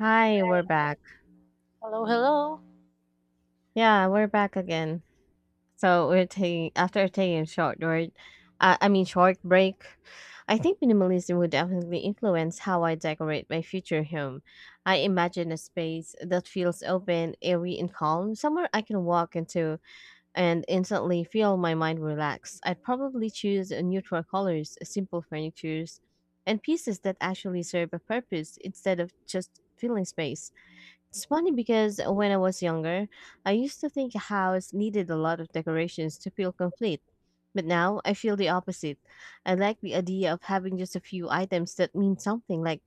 Hi, we're back. Hello, hello. Yeah, we're back again. So we're taking after taking a short word, I mean short break. I think minimalism would definitely influence how I decorate my future home. I imagine a space that feels open, airy, and calm, somewhere I can walk into and instantly feel my mind relax. I'd probably choose a neutral colors, simple furnitures, and pieces that actually serve a purpose instead of just filling space. It's funny because when I was younger, I used to think a house needed a lot of decorations to feel complete. But now I feel the opposite. I like the idea of having just a few items that mean something, like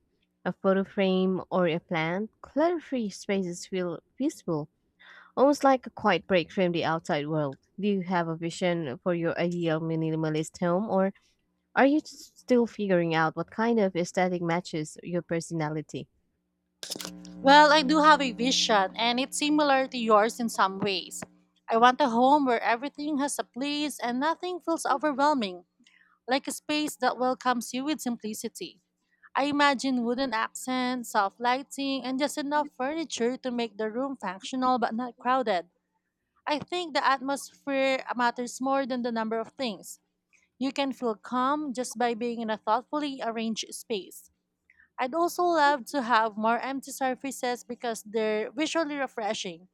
a photo frame or a plant. Clutter-free spaces feel peaceful, almost like a quiet break from the outside world. Do you have a vision for your ideal minimalist home, or are you still figuring out what kind of aesthetic matches your personality? Well, I do have a vision, and it's similar to yours in some ways. I want a home where everything has a place and nothing feels overwhelming, like a space that welcomes you with simplicity. I imagine wooden accents, soft lighting, and just enough furniture to make the room functional but not crowded. I think the atmosphere matters more than the number of things. You can feel calm just by being in a thoughtfully arranged space. I'd also love to have more empty surfaces because they're visually refreshing.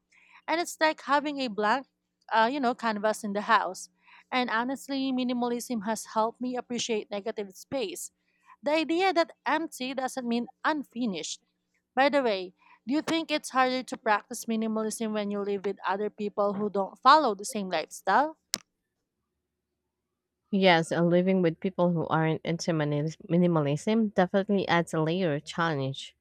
And it's like having a blank, canvas in the house. And honestly, minimalism has helped me appreciate negative space. The idea that empty doesn't mean unfinished. By the way, do you think it's harder to practice minimalism when you live with other people who don't follow the same lifestyle? Yes, living with people who aren't into minimalism definitely adds a layer of challenge.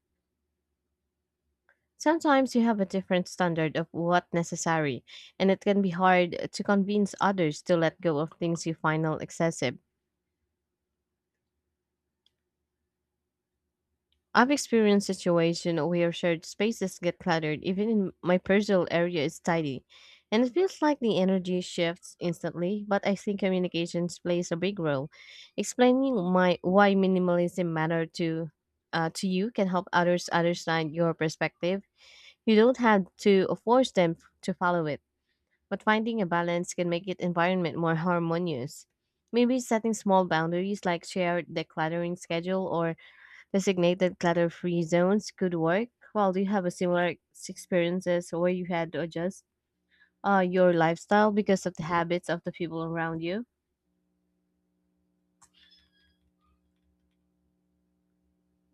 Sometimes you have a different standard of what's necessary, and it can be hard to convince others to let go of things you find all excessive. I've experienced situations where shared spaces get cluttered, even in my personal area is tidy. And it feels like the energy shifts instantly, but I think communications plays a big role. Explaining my why minimalism matter to you can help others understand your perspective. You don't have to force them to follow it, but finding a balance can make it environment more harmonious. Maybe setting small boundaries like shared decluttering schedule or designated clutter-free zones could work. Well, do you have a similar experiences where you had to adjust your lifestyle because of the habits of the people around you?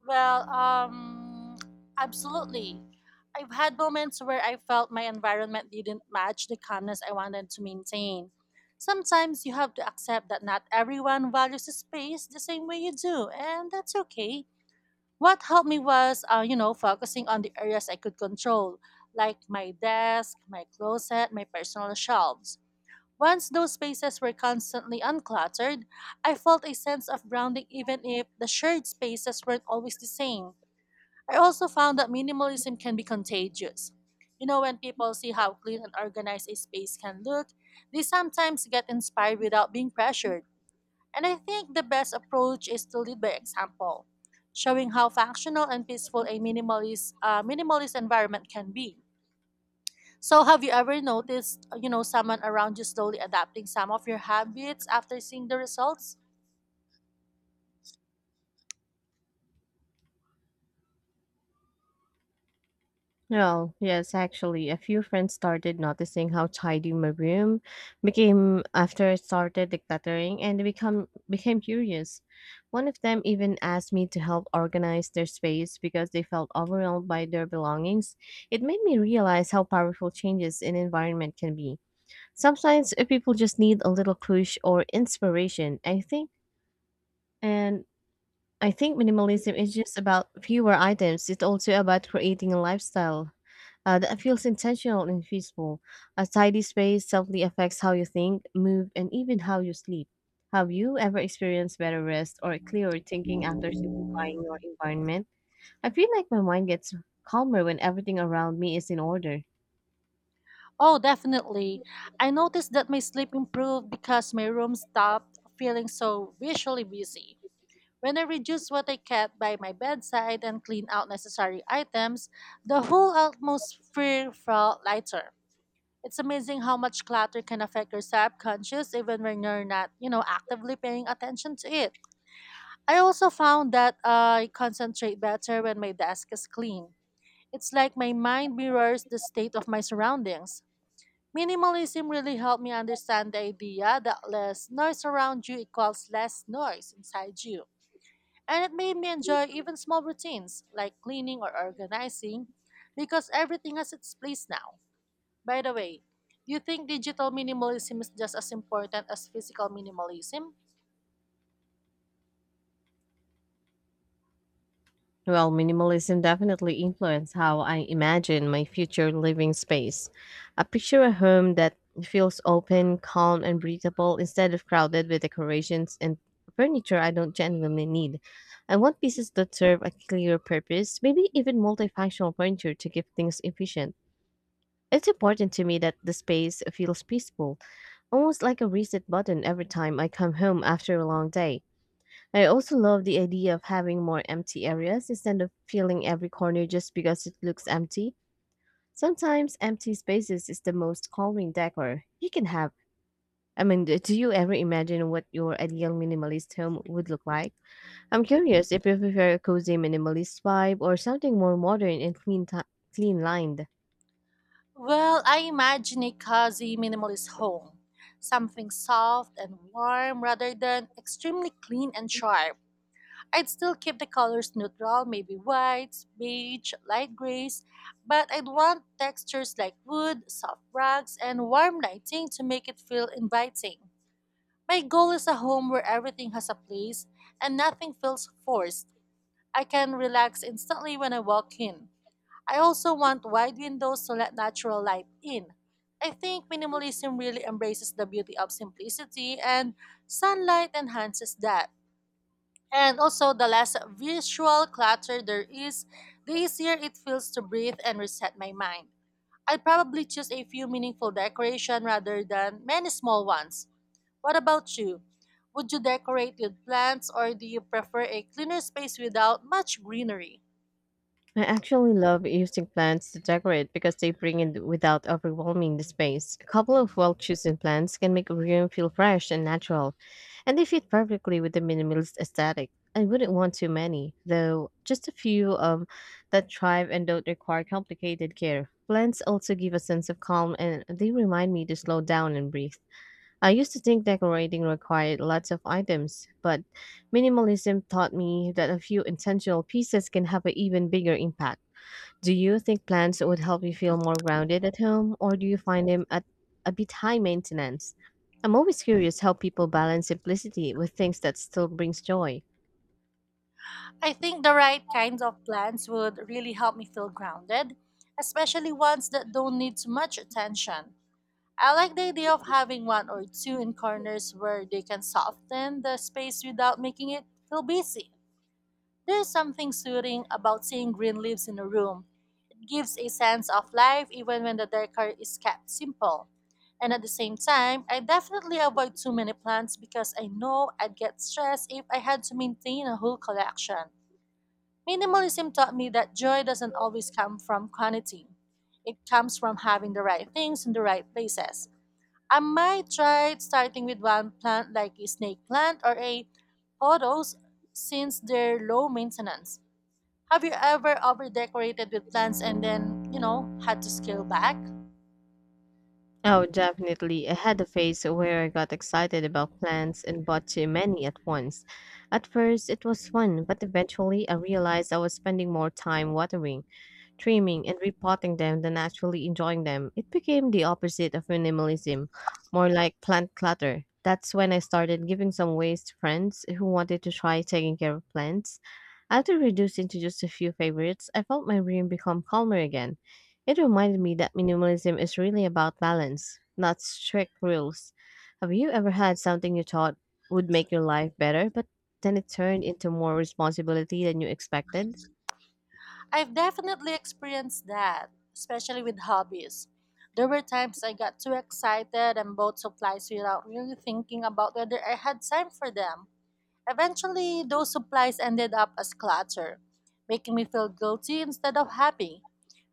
Well, um, Absolutely. I've had moments where I felt my environment didn't match the calmness I wanted to maintain. Sometimes you have to accept that not everyone values the space the same way you do, and that's okay. What helped me was, focusing on the areas I could control, like my desk, my closet, my personal shelves. Once those spaces were constantly uncluttered, I felt a sense of grounding even if the shared spaces weren't always the same. I also found that minimalism can be contagious. You know, when people see how clean and organized a space can look, they sometimes get inspired without being pressured. And I think the best approach is to lead by example, showing how functional and peaceful a minimalist environment can be. So, have you ever noticed, someone around you slowly adapting some of your habits after seeing the results? Well, yes, actually, a few friends started noticing how tidy my room became after I started decluttering, and they become became curious. One of them even asked me to help organize their space because they felt overwhelmed by their belongings. It made me realize how powerful changes in environment can be. Sometimes people just need a little push or inspiration, I think. And I think minimalism is just about fewer items. It's also about creating a lifestyle that feels intentional and peaceful. A tidy space subtly affects how you think, move, and even how you sleep. Have you ever experienced better rest or clearer thinking after simplifying your environment? I feel like my mind gets calmer when everything around me is in order. Oh, definitely. I noticed that my sleep improved because my room stopped feeling so visually busy. When I reduced what I kept by my bedside and cleaned out necessary items, the whole atmosphere felt lighter. It's amazing how much clutter can affect your subconscious even when you're not actively paying attention to it. I also found that I concentrate better when my desk is clean. It's like my mind mirrors the state of my surroundings. Minimalism really helped me understand the idea that less noise around you equals less noise inside you. And it made me enjoy even small routines like cleaning or organizing because everything has its place now. By the way, do you think digital minimalism is just as important as physical minimalism? Well, minimalism definitely influenced how I imagine my future living space. I picture a home that feels open, calm, and breathable instead of crowded with decorations and furniture I don't genuinely need. I want pieces that serve a clear purpose, maybe even multifunctional furniture to keep things efficient. It's important to me that the space feels peaceful, almost like a reset button every time I come home after a long day. I also love the idea of having more empty areas instead of filling every corner just because it looks empty. Sometimes empty spaces is the most calming decor you can have. I mean, do you ever imagine what your ideal minimalist home would look like? I'm curious if you prefer a cozy minimalist vibe or something more modern and clean lined. Well, I imagine a cozy minimalist home. Something soft and warm rather than extremely clean and sharp. I'd still keep the colors neutral, maybe whites, beige, light grays, but I'd want textures like wood, soft rugs, and warm lighting to make it feel inviting. My goal is a home where everything has a place and nothing feels forced. I can relax instantly when I walk in. I also want wide windows to let natural light in. I think minimalism really embraces the beauty of simplicity, and sunlight enhances that. And also, the less visual clutter there is, the easier it feels to breathe and reset my mind. I'd probably choose a few meaningful decoration rather than many small ones. What about you? Would you decorate with plants or do you prefer a cleaner space without much greenery? I actually love using plants to decorate because they bring in without overwhelming the space. A couple of well chosen plants can make a room feel fresh and natural, and they fit perfectly with the minimalist aesthetic. I wouldn't want too many, though just a few that thrive and don't require complicated care. Plants also give a sense of calm and they remind me to slow down and breathe. I used to think decorating required lots of items, but minimalism taught me that a few intentional pieces can have an even bigger impact. Do you think plants would help you feel more grounded at home, or do you find them at a bit high maintenance? I'm always curious how people balance simplicity with things that still brings joy. I think the right kinds of plants would really help me feel grounded, especially ones that don't need too much attention. I like the idea of having one or two in corners where they can soften the space without making it feel busy. There's something soothing about seeing green leaves in a room. It gives a sense of life even when the decor is kept simple. And at the same time, I definitely avoid too many plants because I know I'd get stressed if I had to maintain a whole collection. Minimalism taught me that joy doesn't always come from quantity. It comes from having the right things in the right places. I might try starting with one plant like a snake plant or a pothos since they're low maintenance. Have you ever overdecorated with plants and then had to scale back? Oh, definitely. I had a phase where I got excited about plants and bought too many at once. At first, it was fun, but eventually I realized I was spending more time watering trimming and repotting them than actually enjoying them. It became the opposite of minimalism, more like plant clutter. That's when I started giving some ways to friends who wanted to try taking care of plants. After reducing to just a few favorites, I felt my room become calmer again. It reminded me that minimalism is really about balance, not strict rules. Have you ever had something you thought would make your life better, but then it turned into more responsibility than you expected? I've definitely experienced that, especially with hobbies. There were times I got too excited and bought supplies without really thinking about whether I had time for them. Eventually, those supplies ended up as clutter, making me feel guilty instead of happy.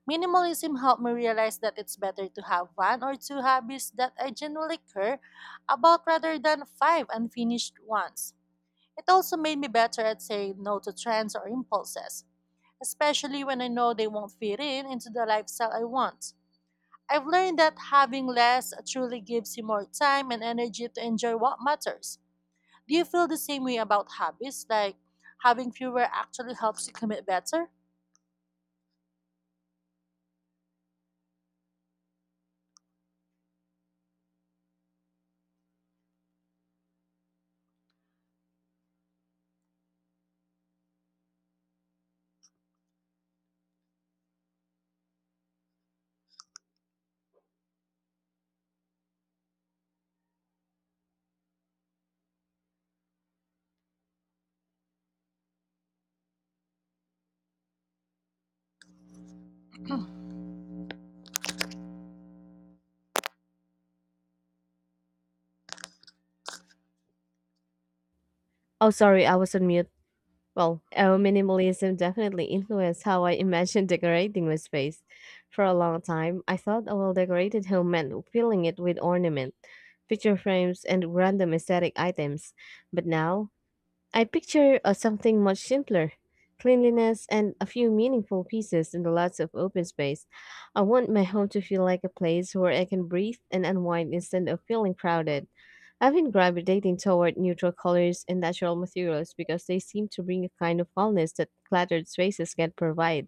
Minimalism helped me realize that it's better to have one or two hobbies that I genuinely care about rather than five unfinished ones. It also made me better at saying no to trends or impulses, especially when I know they won't fit in into the lifestyle I want. I've learned that having less truly gives you more time and energy to enjoy what matters. Do you feel the same way about hobbies? Like having fewer actually helps you commit better? Oh, sorry, I was on mute. Well, minimalism definitely influenced how I imagined decorating my space. For a long time, I thought a well decorated home meant filling it with ornament, picture frames, and random aesthetic items. But now, I picture something much simpler, cleanliness and a few meaningful pieces and lots of open space. I want my home to feel like a place where I can breathe and unwind instead of feeling crowded. I've been gravitating toward neutral colors and natural materials because they seem to bring a kind of wellness that cluttered spaces can't provide.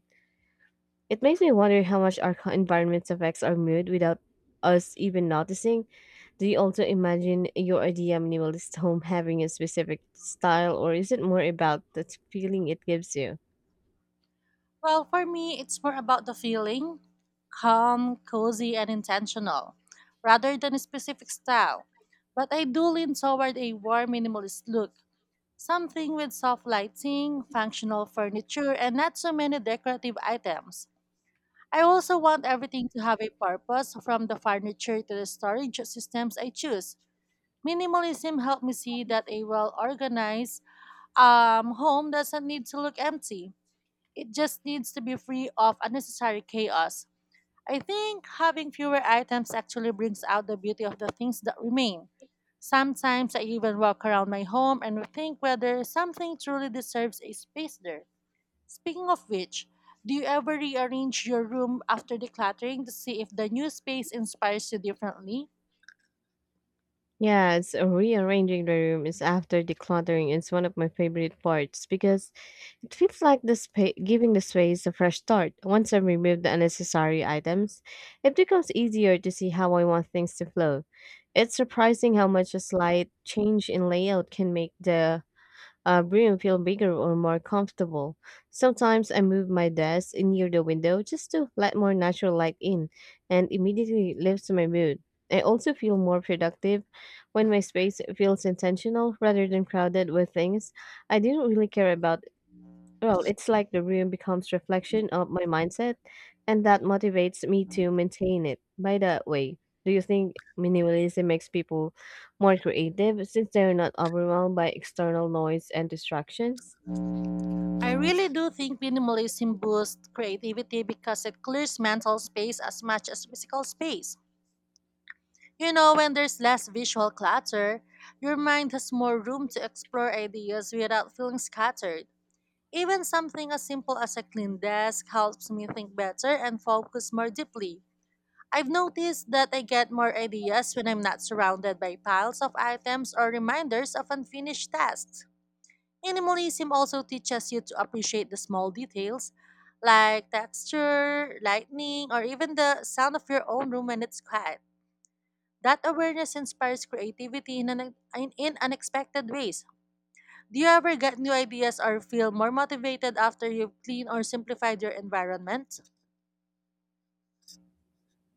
It makes me wonder how much our environment affects our mood without us even noticing. Do you also imagine your idea minimalist home having a specific style, or is it more about the feeling it gives you? Well, for me, it's more about the feeling calm, cozy, and intentional rather than a specific style. But I do lean toward a warm minimalist look, something with soft lighting, functional furniture, and not so many decorative items. I also want everything to have a purpose from the furniture to the storage systems I choose. Minimalism helped me see that a well organized home doesn't need to look empty. It just needs to be free of unnecessary chaos. I think having fewer items actually brings out the beauty of the things that remain. Sometimes I even walk around my home and think whether something truly deserves a space there. Speaking of which, do you ever rearrange your room after decluttering to see if the new space inspires you differently? Yeah, it's rearranging the room is after decluttering is one of my favorite parts because it feels like giving the space a fresh start. Once I remove the unnecessary items, it becomes easier to see how I want things to flow. It's surprising how much a slight change in layout can make the room feel bigger or more comfortable. Sometimes I move my desk near the window just to let more natural light in, and immediately lifts my mood. I also feel more productive when my space feels intentional rather than crowded with things I didn't really care about. Well, it's like the room becomes reflection of my mindset, and that motivates me to maintain it. By the way, do you think minimalism makes people more creative since they're not overwhelmed by external noise and distractions? I really do think minimalism boosts creativity because it clears mental space as much as physical space. You know, when there's less visual clutter, your mind has more room to explore ideas without feeling scattered. Even something as simple as a clean desk helps me think better and focus more deeply. I've noticed that I get more ideas when I'm not surrounded by piles of items or reminders of unfinished tasks. Minimalism also teaches you to appreciate the small details like texture, lighting, or even the sound of your own room when it's quiet. That awareness inspires creativity in unexpected ways. Do you ever get new ideas or feel more motivated after you've cleaned or simplified your environment?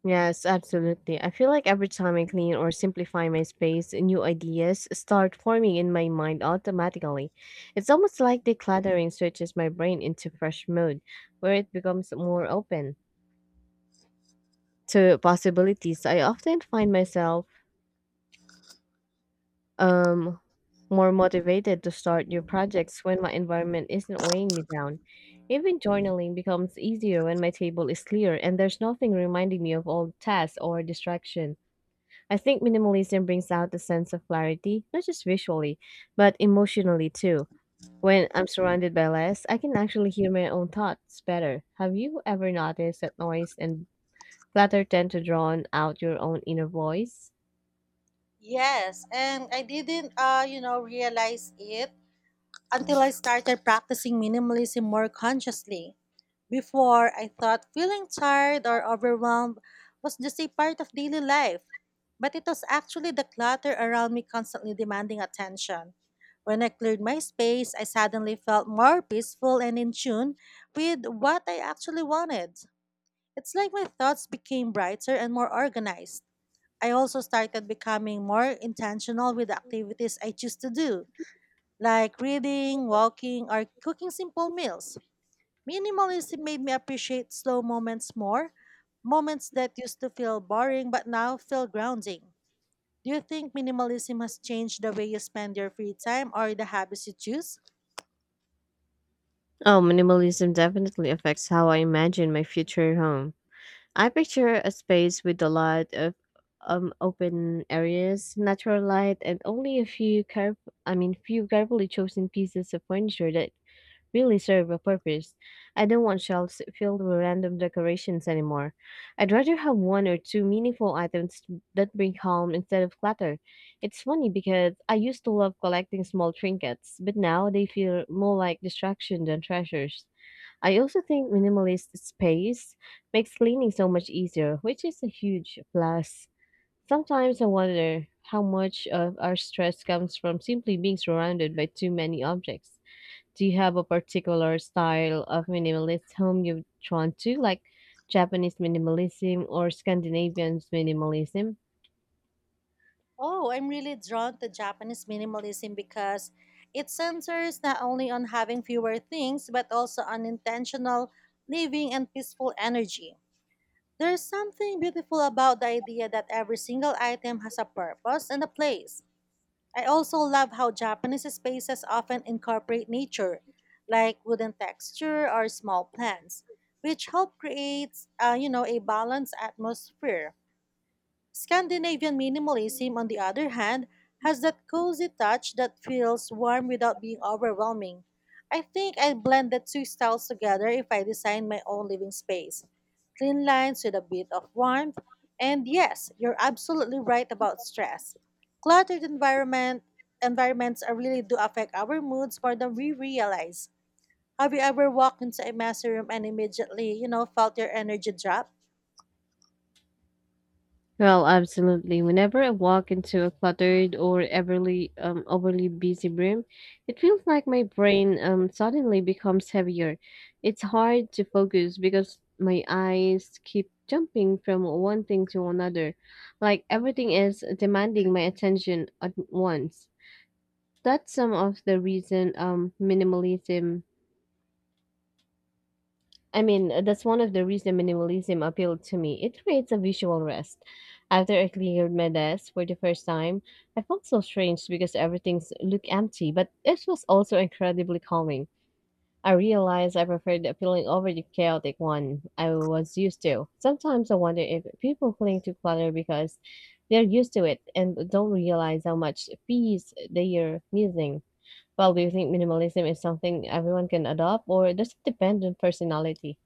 Yes, absolutely. I feel like every time I clean or simplify my space, new ideas start forming in my mind automatically. It's almost like decluttering switches my brain into fresh mode, where it becomes more open to possibilities. I often find myself um more motivated to start new projects when my environment isn't weighing me down. Even journaling becomes easier when my table is clear and there's nothing reminding me of old tasks or distraction. I think minimalism brings out a sense of clarity, not just visually, but emotionally too. When I'm surrounded by less, I can actually hear my own thoughts better. Have you ever noticed that noise and clutter tend to drown out your own inner voice? Yes, and I didn't realize it until I started practicing minimalism more consciously. Before, I thought feeling tired or overwhelmed was just a part of daily life, but it was actually the clutter around me constantly demanding attention. When I cleared my space, I suddenly felt more peaceful and in tune with what I actually wanted. It's like my thoughts became brighter and more organized. I also started becoming more intentional with the activities I choose to do like reading, walking, or cooking simple meals. Minimalism made me appreciate slow moments more, moments that used to feel boring but now feel grounding. Do you think minimalism has changed the way you spend your free time or the habits you choose? Oh, minimalism definitely affects how I imagine my future home. I picture a space with a lot of open areas, natural light, and only a few carefully chosen pieces of furniture that really serve a purpose. I don't want shelves filled with random decorations anymore. I'd rather have one or two meaningful items that bring calm instead of clutter. It's funny because I used to love collecting small trinkets, but now they feel more like distraction than treasures. I also think minimalist space makes cleaning so much easier, which is a huge plus. Sometimes I wonder how much of our stress comes from simply being surrounded by too many objects. Do you have a particular style of minimalist home you've drawn to, like Japanese minimalism or Scandinavian minimalism? Oh, I'm really drawn to Japanese minimalism because it centers not only on having fewer things but also on intentional living and peaceful energy. There's something beautiful about the idea that every single item has a purpose and a place. I also love how Japanese spaces often incorporate nature, like wooden texture or small plants, which help create a balanced atmosphere. Scandinavian minimalism, on the other hand, has that cozy touch that feels warm without being overwhelming. I think I'd blend the two styles together if I design my own living space. Clean lines with a bit of warmth, and yes, you're absolutely right about stress. Cluttered environments are really do affect our moods more than we realize. Have you ever walked into a messy room and immediately felt your energy drop? Well, absolutely. Whenever I walk into a cluttered or overly busy room, it feels like my brain suddenly becomes heavier. It's hard to focus because my eyes keep jumping from one thing to another, like everything is demanding my attention at once. That's some of the reason minimalism I mean, that's one of the reasons minimalism appealed to me. It creates a visual rest. After I cleared my desk for the first time, I felt so strange because looked empty, but it was also incredibly calming. I realized I preferred the feeling over the chaotic one I was used to. Sometimes I wonder if people cling to clutter because they're used to it and don't realize how much peace they are missing. Well, do you think minimalism is something everyone can adopt, or does it depend on personality?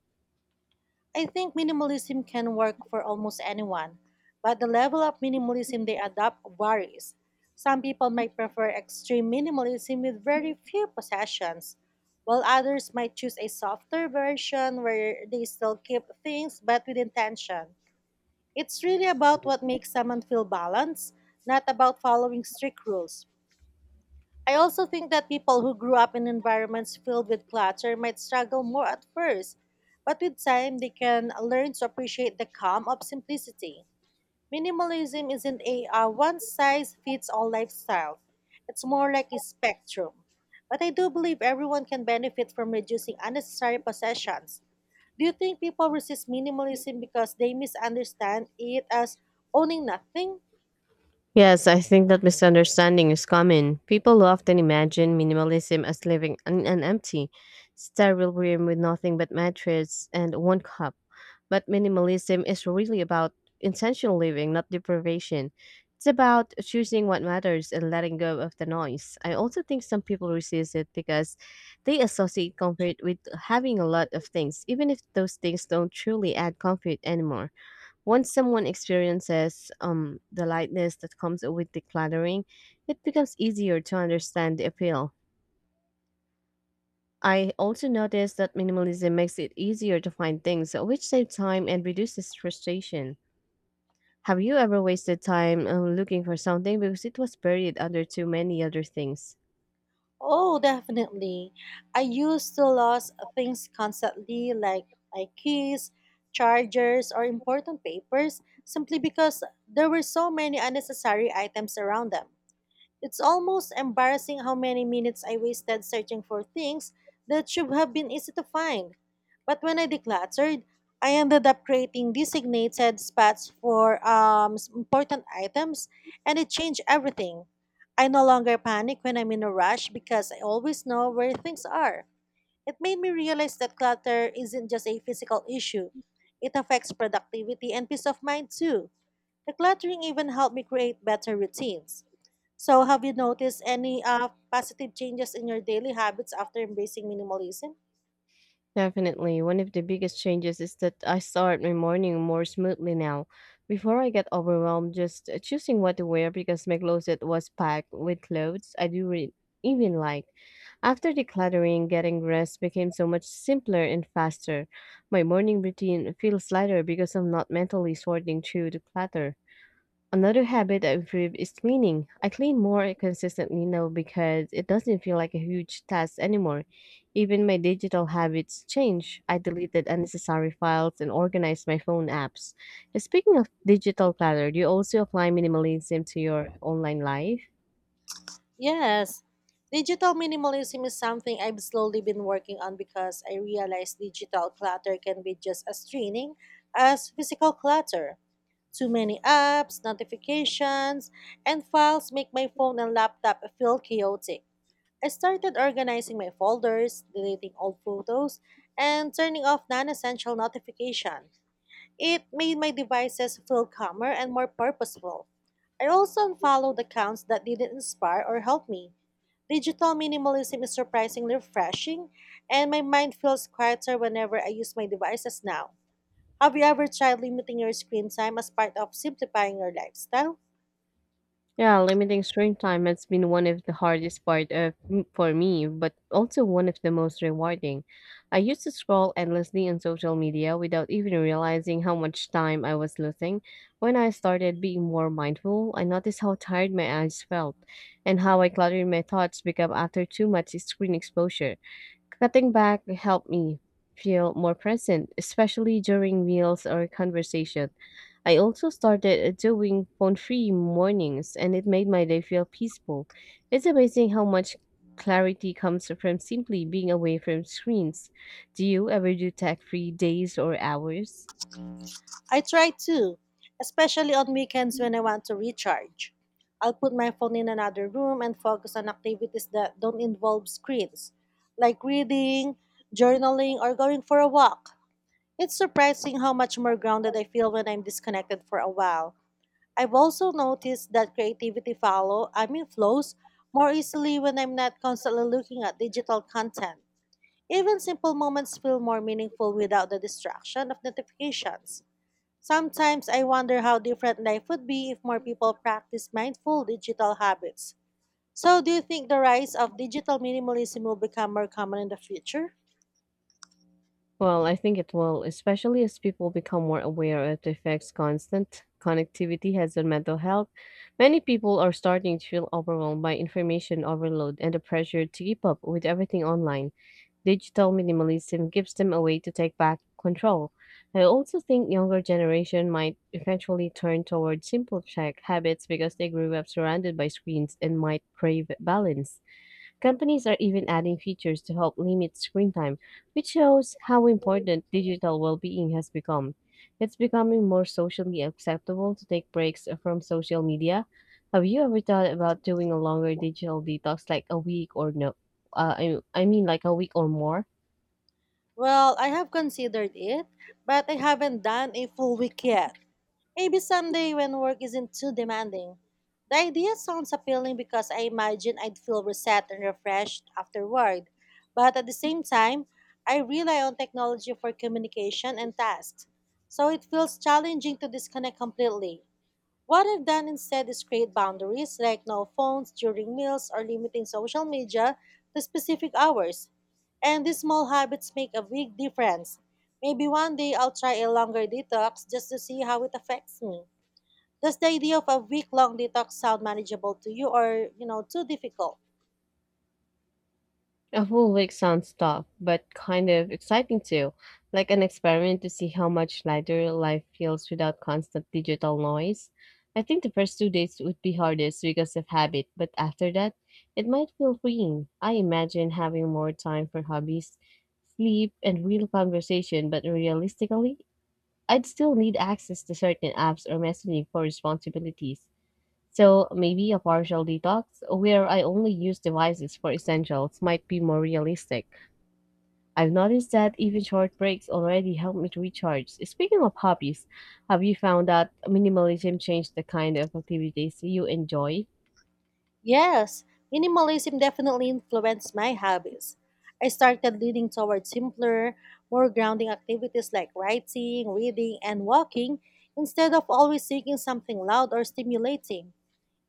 I think minimalism can work for almost anyone, but the level of minimalism they adopt varies. Some people might prefer extreme minimalism with very few possessions, while others might choose a softer version where they still keep things but with intention. It's really about what makes someone feel balanced, not about following strict rules. I also think that people who grew up in environments filled with clutter might struggle more at first, but with time they can learn to appreciate the calm of simplicity. Minimalism isn't a one size fits all lifestyle, it's more like a spectrum. But I do believe everyone can benefit from reducing unnecessary possessions. Do you think people resist minimalism because they misunderstand it as owning nothing? Yes, I think that misunderstanding is common. People often imagine minimalism as living in an empty, sterile room with nothing but mattress and one cup. But minimalism is really about intentional living, not deprivation. It's about choosing what matters and letting go of the noise. I also think some people resist it because they associate comfort with having a lot of things, even if those things don't truly add comfort anymore. Once someone experiences the lightness that comes with decluttering, it becomes easier to understand the appeal. I also noticed that minimalism makes it easier to find things, which saves time and reduces frustration. Have you ever wasted time looking for something because it was buried under too many other things? Oh, definitely. I used to lose things constantly, like my keys, chargers, or important papers, simply because there were so many unnecessary items around them. It's almost embarrassing how many minutes I wasted searching for things that should have been easy to find. But when I decluttered, I ended up creating designated spots for important items, and it changed everything. I no longer panic when I'm in a rush because I always know where things are. It made me realize that clutter isn't just a physical issue, it affects productivity and peace of mind too. Decluttering even helped me create better routines. So, have you noticed any positive changes in your daily habits after embracing minimalism? Definitely. One of the biggest changes is that I start my morning more smoothly now. Before I get overwhelmed, just choosing what to wear because my closet was packed with clothes even like. After decluttering, getting dressed became so much simpler and faster. My morning routine feels lighter because I'm not mentally sorting through the clutter. Another habit that improved is cleaning. I clean more consistently now because it doesn't feel like a huge task anymore. Even my digital habits change. I deleted unnecessary files and organized my phone apps. Speaking of digital clutter, do you also apply minimalism to your online life? Yes. Digital minimalism is something I've slowly been working on because I realize digital clutter can be just as draining as physical clutter. Too many apps, notifications, and files make my phone and laptop feel chaotic. I started organizing my folders, deleting old photos, and turning off non essential notifications. It made my devices feel calmer and more purposeful. I also unfollowed accounts that didn't inspire or help me. Digital minimalism is surprisingly refreshing, and my mind feels quieter whenever I use my devices now. Have you ever tried limiting your screen time as part of simplifying your lifestyle? Yeah, limiting screen time has been one of the hardest for me, but also one of the most rewarding. I used to scroll endlessly on social media without even realizing how much time I was losing. When I started being more mindful, I noticed how tired my eyes felt and how I cluttered my thoughts become after too much screen exposure. Cutting back helped me feel more present, especially during meals or conversation. I also started doing phone free mornings, and it made my day feel peaceful. It's amazing how much clarity comes from simply being away from screens. Do you ever do tech free days or hours? I try to, especially on weekends when I want to recharge. I'll put my phone in another room and focus on activities that don't involve screens, like reading, journaling, or going for a walk. It's surprising how much more grounded I feel when I'm disconnected for a while. I've also noticed that creativity follow, I mean flows, more easily when I'm not constantly looking at digital content. Even simple moments feel more meaningful without the distraction of notifications. Sometimes I wonder how different life would be if more people practice mindful digital habits. So, do you think the rise of digital minimalism will become more common in the future? Well, I think it will, especially as people become more aware of the effects constant connectivity has on mental health. Many people are starting to feel overwhelmed by information overload and the pressure to keep up with everything online. Digital minimalism gives them a way to take back control. I also think younger generation might eventually turn towards simple check habits because they grew up surrounded by screens and might crave balance. Companies are even adding features to help limit screen time, which shows how important digital well being has become. It's becoming more socially acceptable to take breaks from social media. Have you ever thought about doing a longer digital detox, like a week or no? I mean, like a week or more? Well, I have considered it, but I haven't done a full week yet. Maybe someday when work isn't too demanding. The idea sounds appealing because I imagine I'd feel reset and refreshed afterward. But at the same time, I rely on technology for communication and tasks. So it feels challenging to disconnect completely. What I've done instead is create boundaries like no phones during meals or limiting social media to specific hours. And these small habits make a big difference. Maybe one day I'll try a longer detox just to see how it affects me. Does the idea of a week-long detox sound manageable to you or, too difficult? A full week sounds tough, but kind of exciting too. Like an experiment to see how much lighter life feels without constant digital noise. I think the first 2 days would be hardest because of habit, but after that, it might feel freeing. I imagine having more time for hobbies, sleep, and real conversation, but realistically, I'd still need access to certain apps or messaging for responsibilities. So maybe a partial detox where I only use devices for essentials might be more realistic. I've noticed that even short breaks already help me to recharge. Speaking of hobbies, have you found that minimalism changed the kind of activities you enjoy? Yes, minimalism definitely influenced my habits. I started leaning towards simpler, more grounding activities like writing, reading, and walking instead of always seeking something loud or stimulating.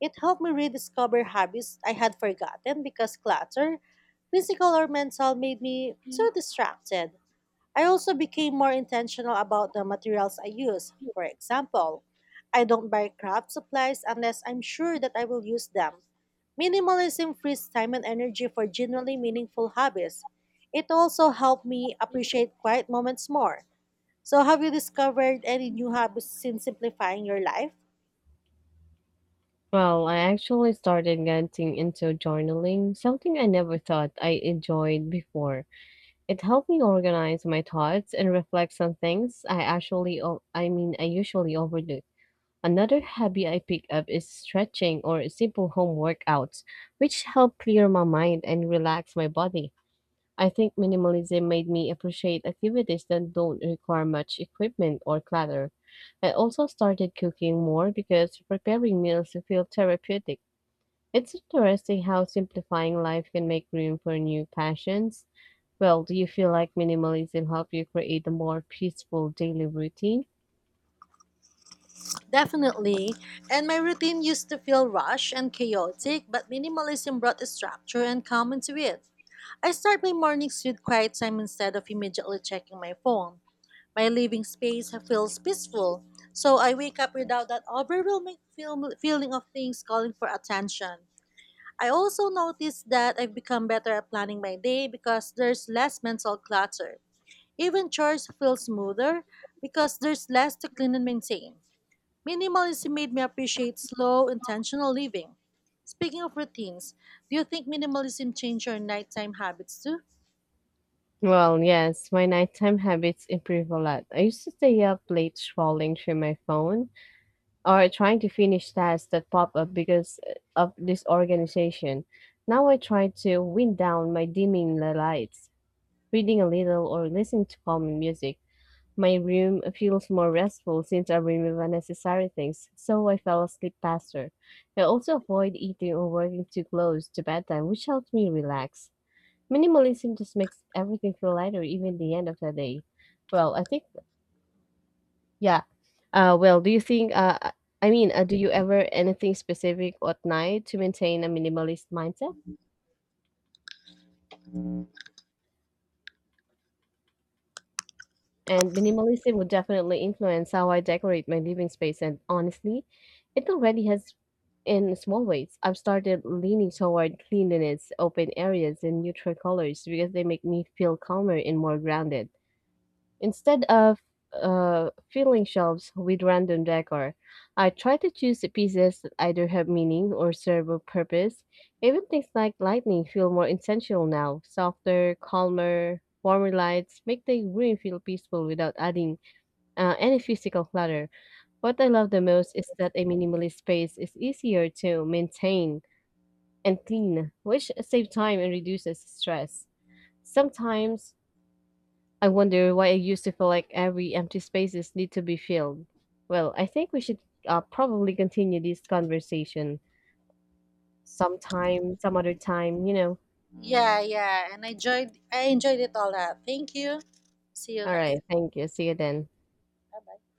It helped me rediscover habits I had forgotten because clutter, physical or mental, made me too distracted. I also became more intentional about the materials I use. For example, I don't buy craft supplies unless I'm sure that I will use them. Minimalism frees time and energy for genuinely meaningful hobbies. It also helped me appreciate quiet moments more. So, have you discovered any new hobbies since simplifying your life? Well, I actually started getting into journaling, something I never thought I enjoyed before. It helped me organize my thoughts and reflect on things I mean, I usually overlook. Another hobby I pick up is stretching or simple home workouts, which help clear my mind and relax my body. I think minimalism made me appreciate activities that don't require much equipment or clutter. I also started cooking more because preparing meals feel therapeutic. It's interesting how simplifying life can make room for new passions. Well, do you feel like minimalism helped you create a more peaceful daily routine? Definitely. And my routine used to feel rushed and chaotic, but minimalism brought structure and calm into it. I start my mornings with quiet time instead of immediately checking my phone. My living space feels peaceful, so I wake up without that overwhelming feeling of things calling for attention. I also notice that I've become better at planning my day because there's less mental clutter. Even chores feel smoother because there's less to clean and maintain. Minimalism made me appreciate slow, intentional living. Speaking of routines, do you think minimalism changed your nighttime habits too? Well, yes, my nighttime habits improve a lot. I used to stay up late scrolling through my phone or trying to finish tasks that pop up because of disorganization. Now I try to wind down by dimming the lights, reading a little, or listening to calming music. My room feels more restful since I remove unnecessary things, so I fell asleep faster. I also avoid eating or working too close to bedtime, which helps me relax. Minimalism just makes everything feel lighter, even the end of the day. Well, I think, yeah. Well, do you think, I mean, do you ever anything specific at night to maintain a minimalist mindset? And minimalism would definitely influence how I decorate my living space. And honestly, it already has in small ways. I've started leaning toward cleanliness, open areas, and neutral colors because they make me feel calmer and more grounded. Instead of filling shelves with random decor, I try to choose the pieces that either have meaning or serve a purpose. Even things like lightning feel more intentional now. Softer, calmer, warmer lights make the room feel peaceful without adding any physical clutter. What I love the most is that a minimalist space is easier to maintain and clean, which saves time and reduces stress. Sometimes I wonder why I used to feel like every empty spaces need to be filled. Well, I think we should probably continue this conversation sometime, some other time, you know. Yeah, yeah, and I enjoyed it all. That thank you. See you All next right, time. thank you. See you then. Bye.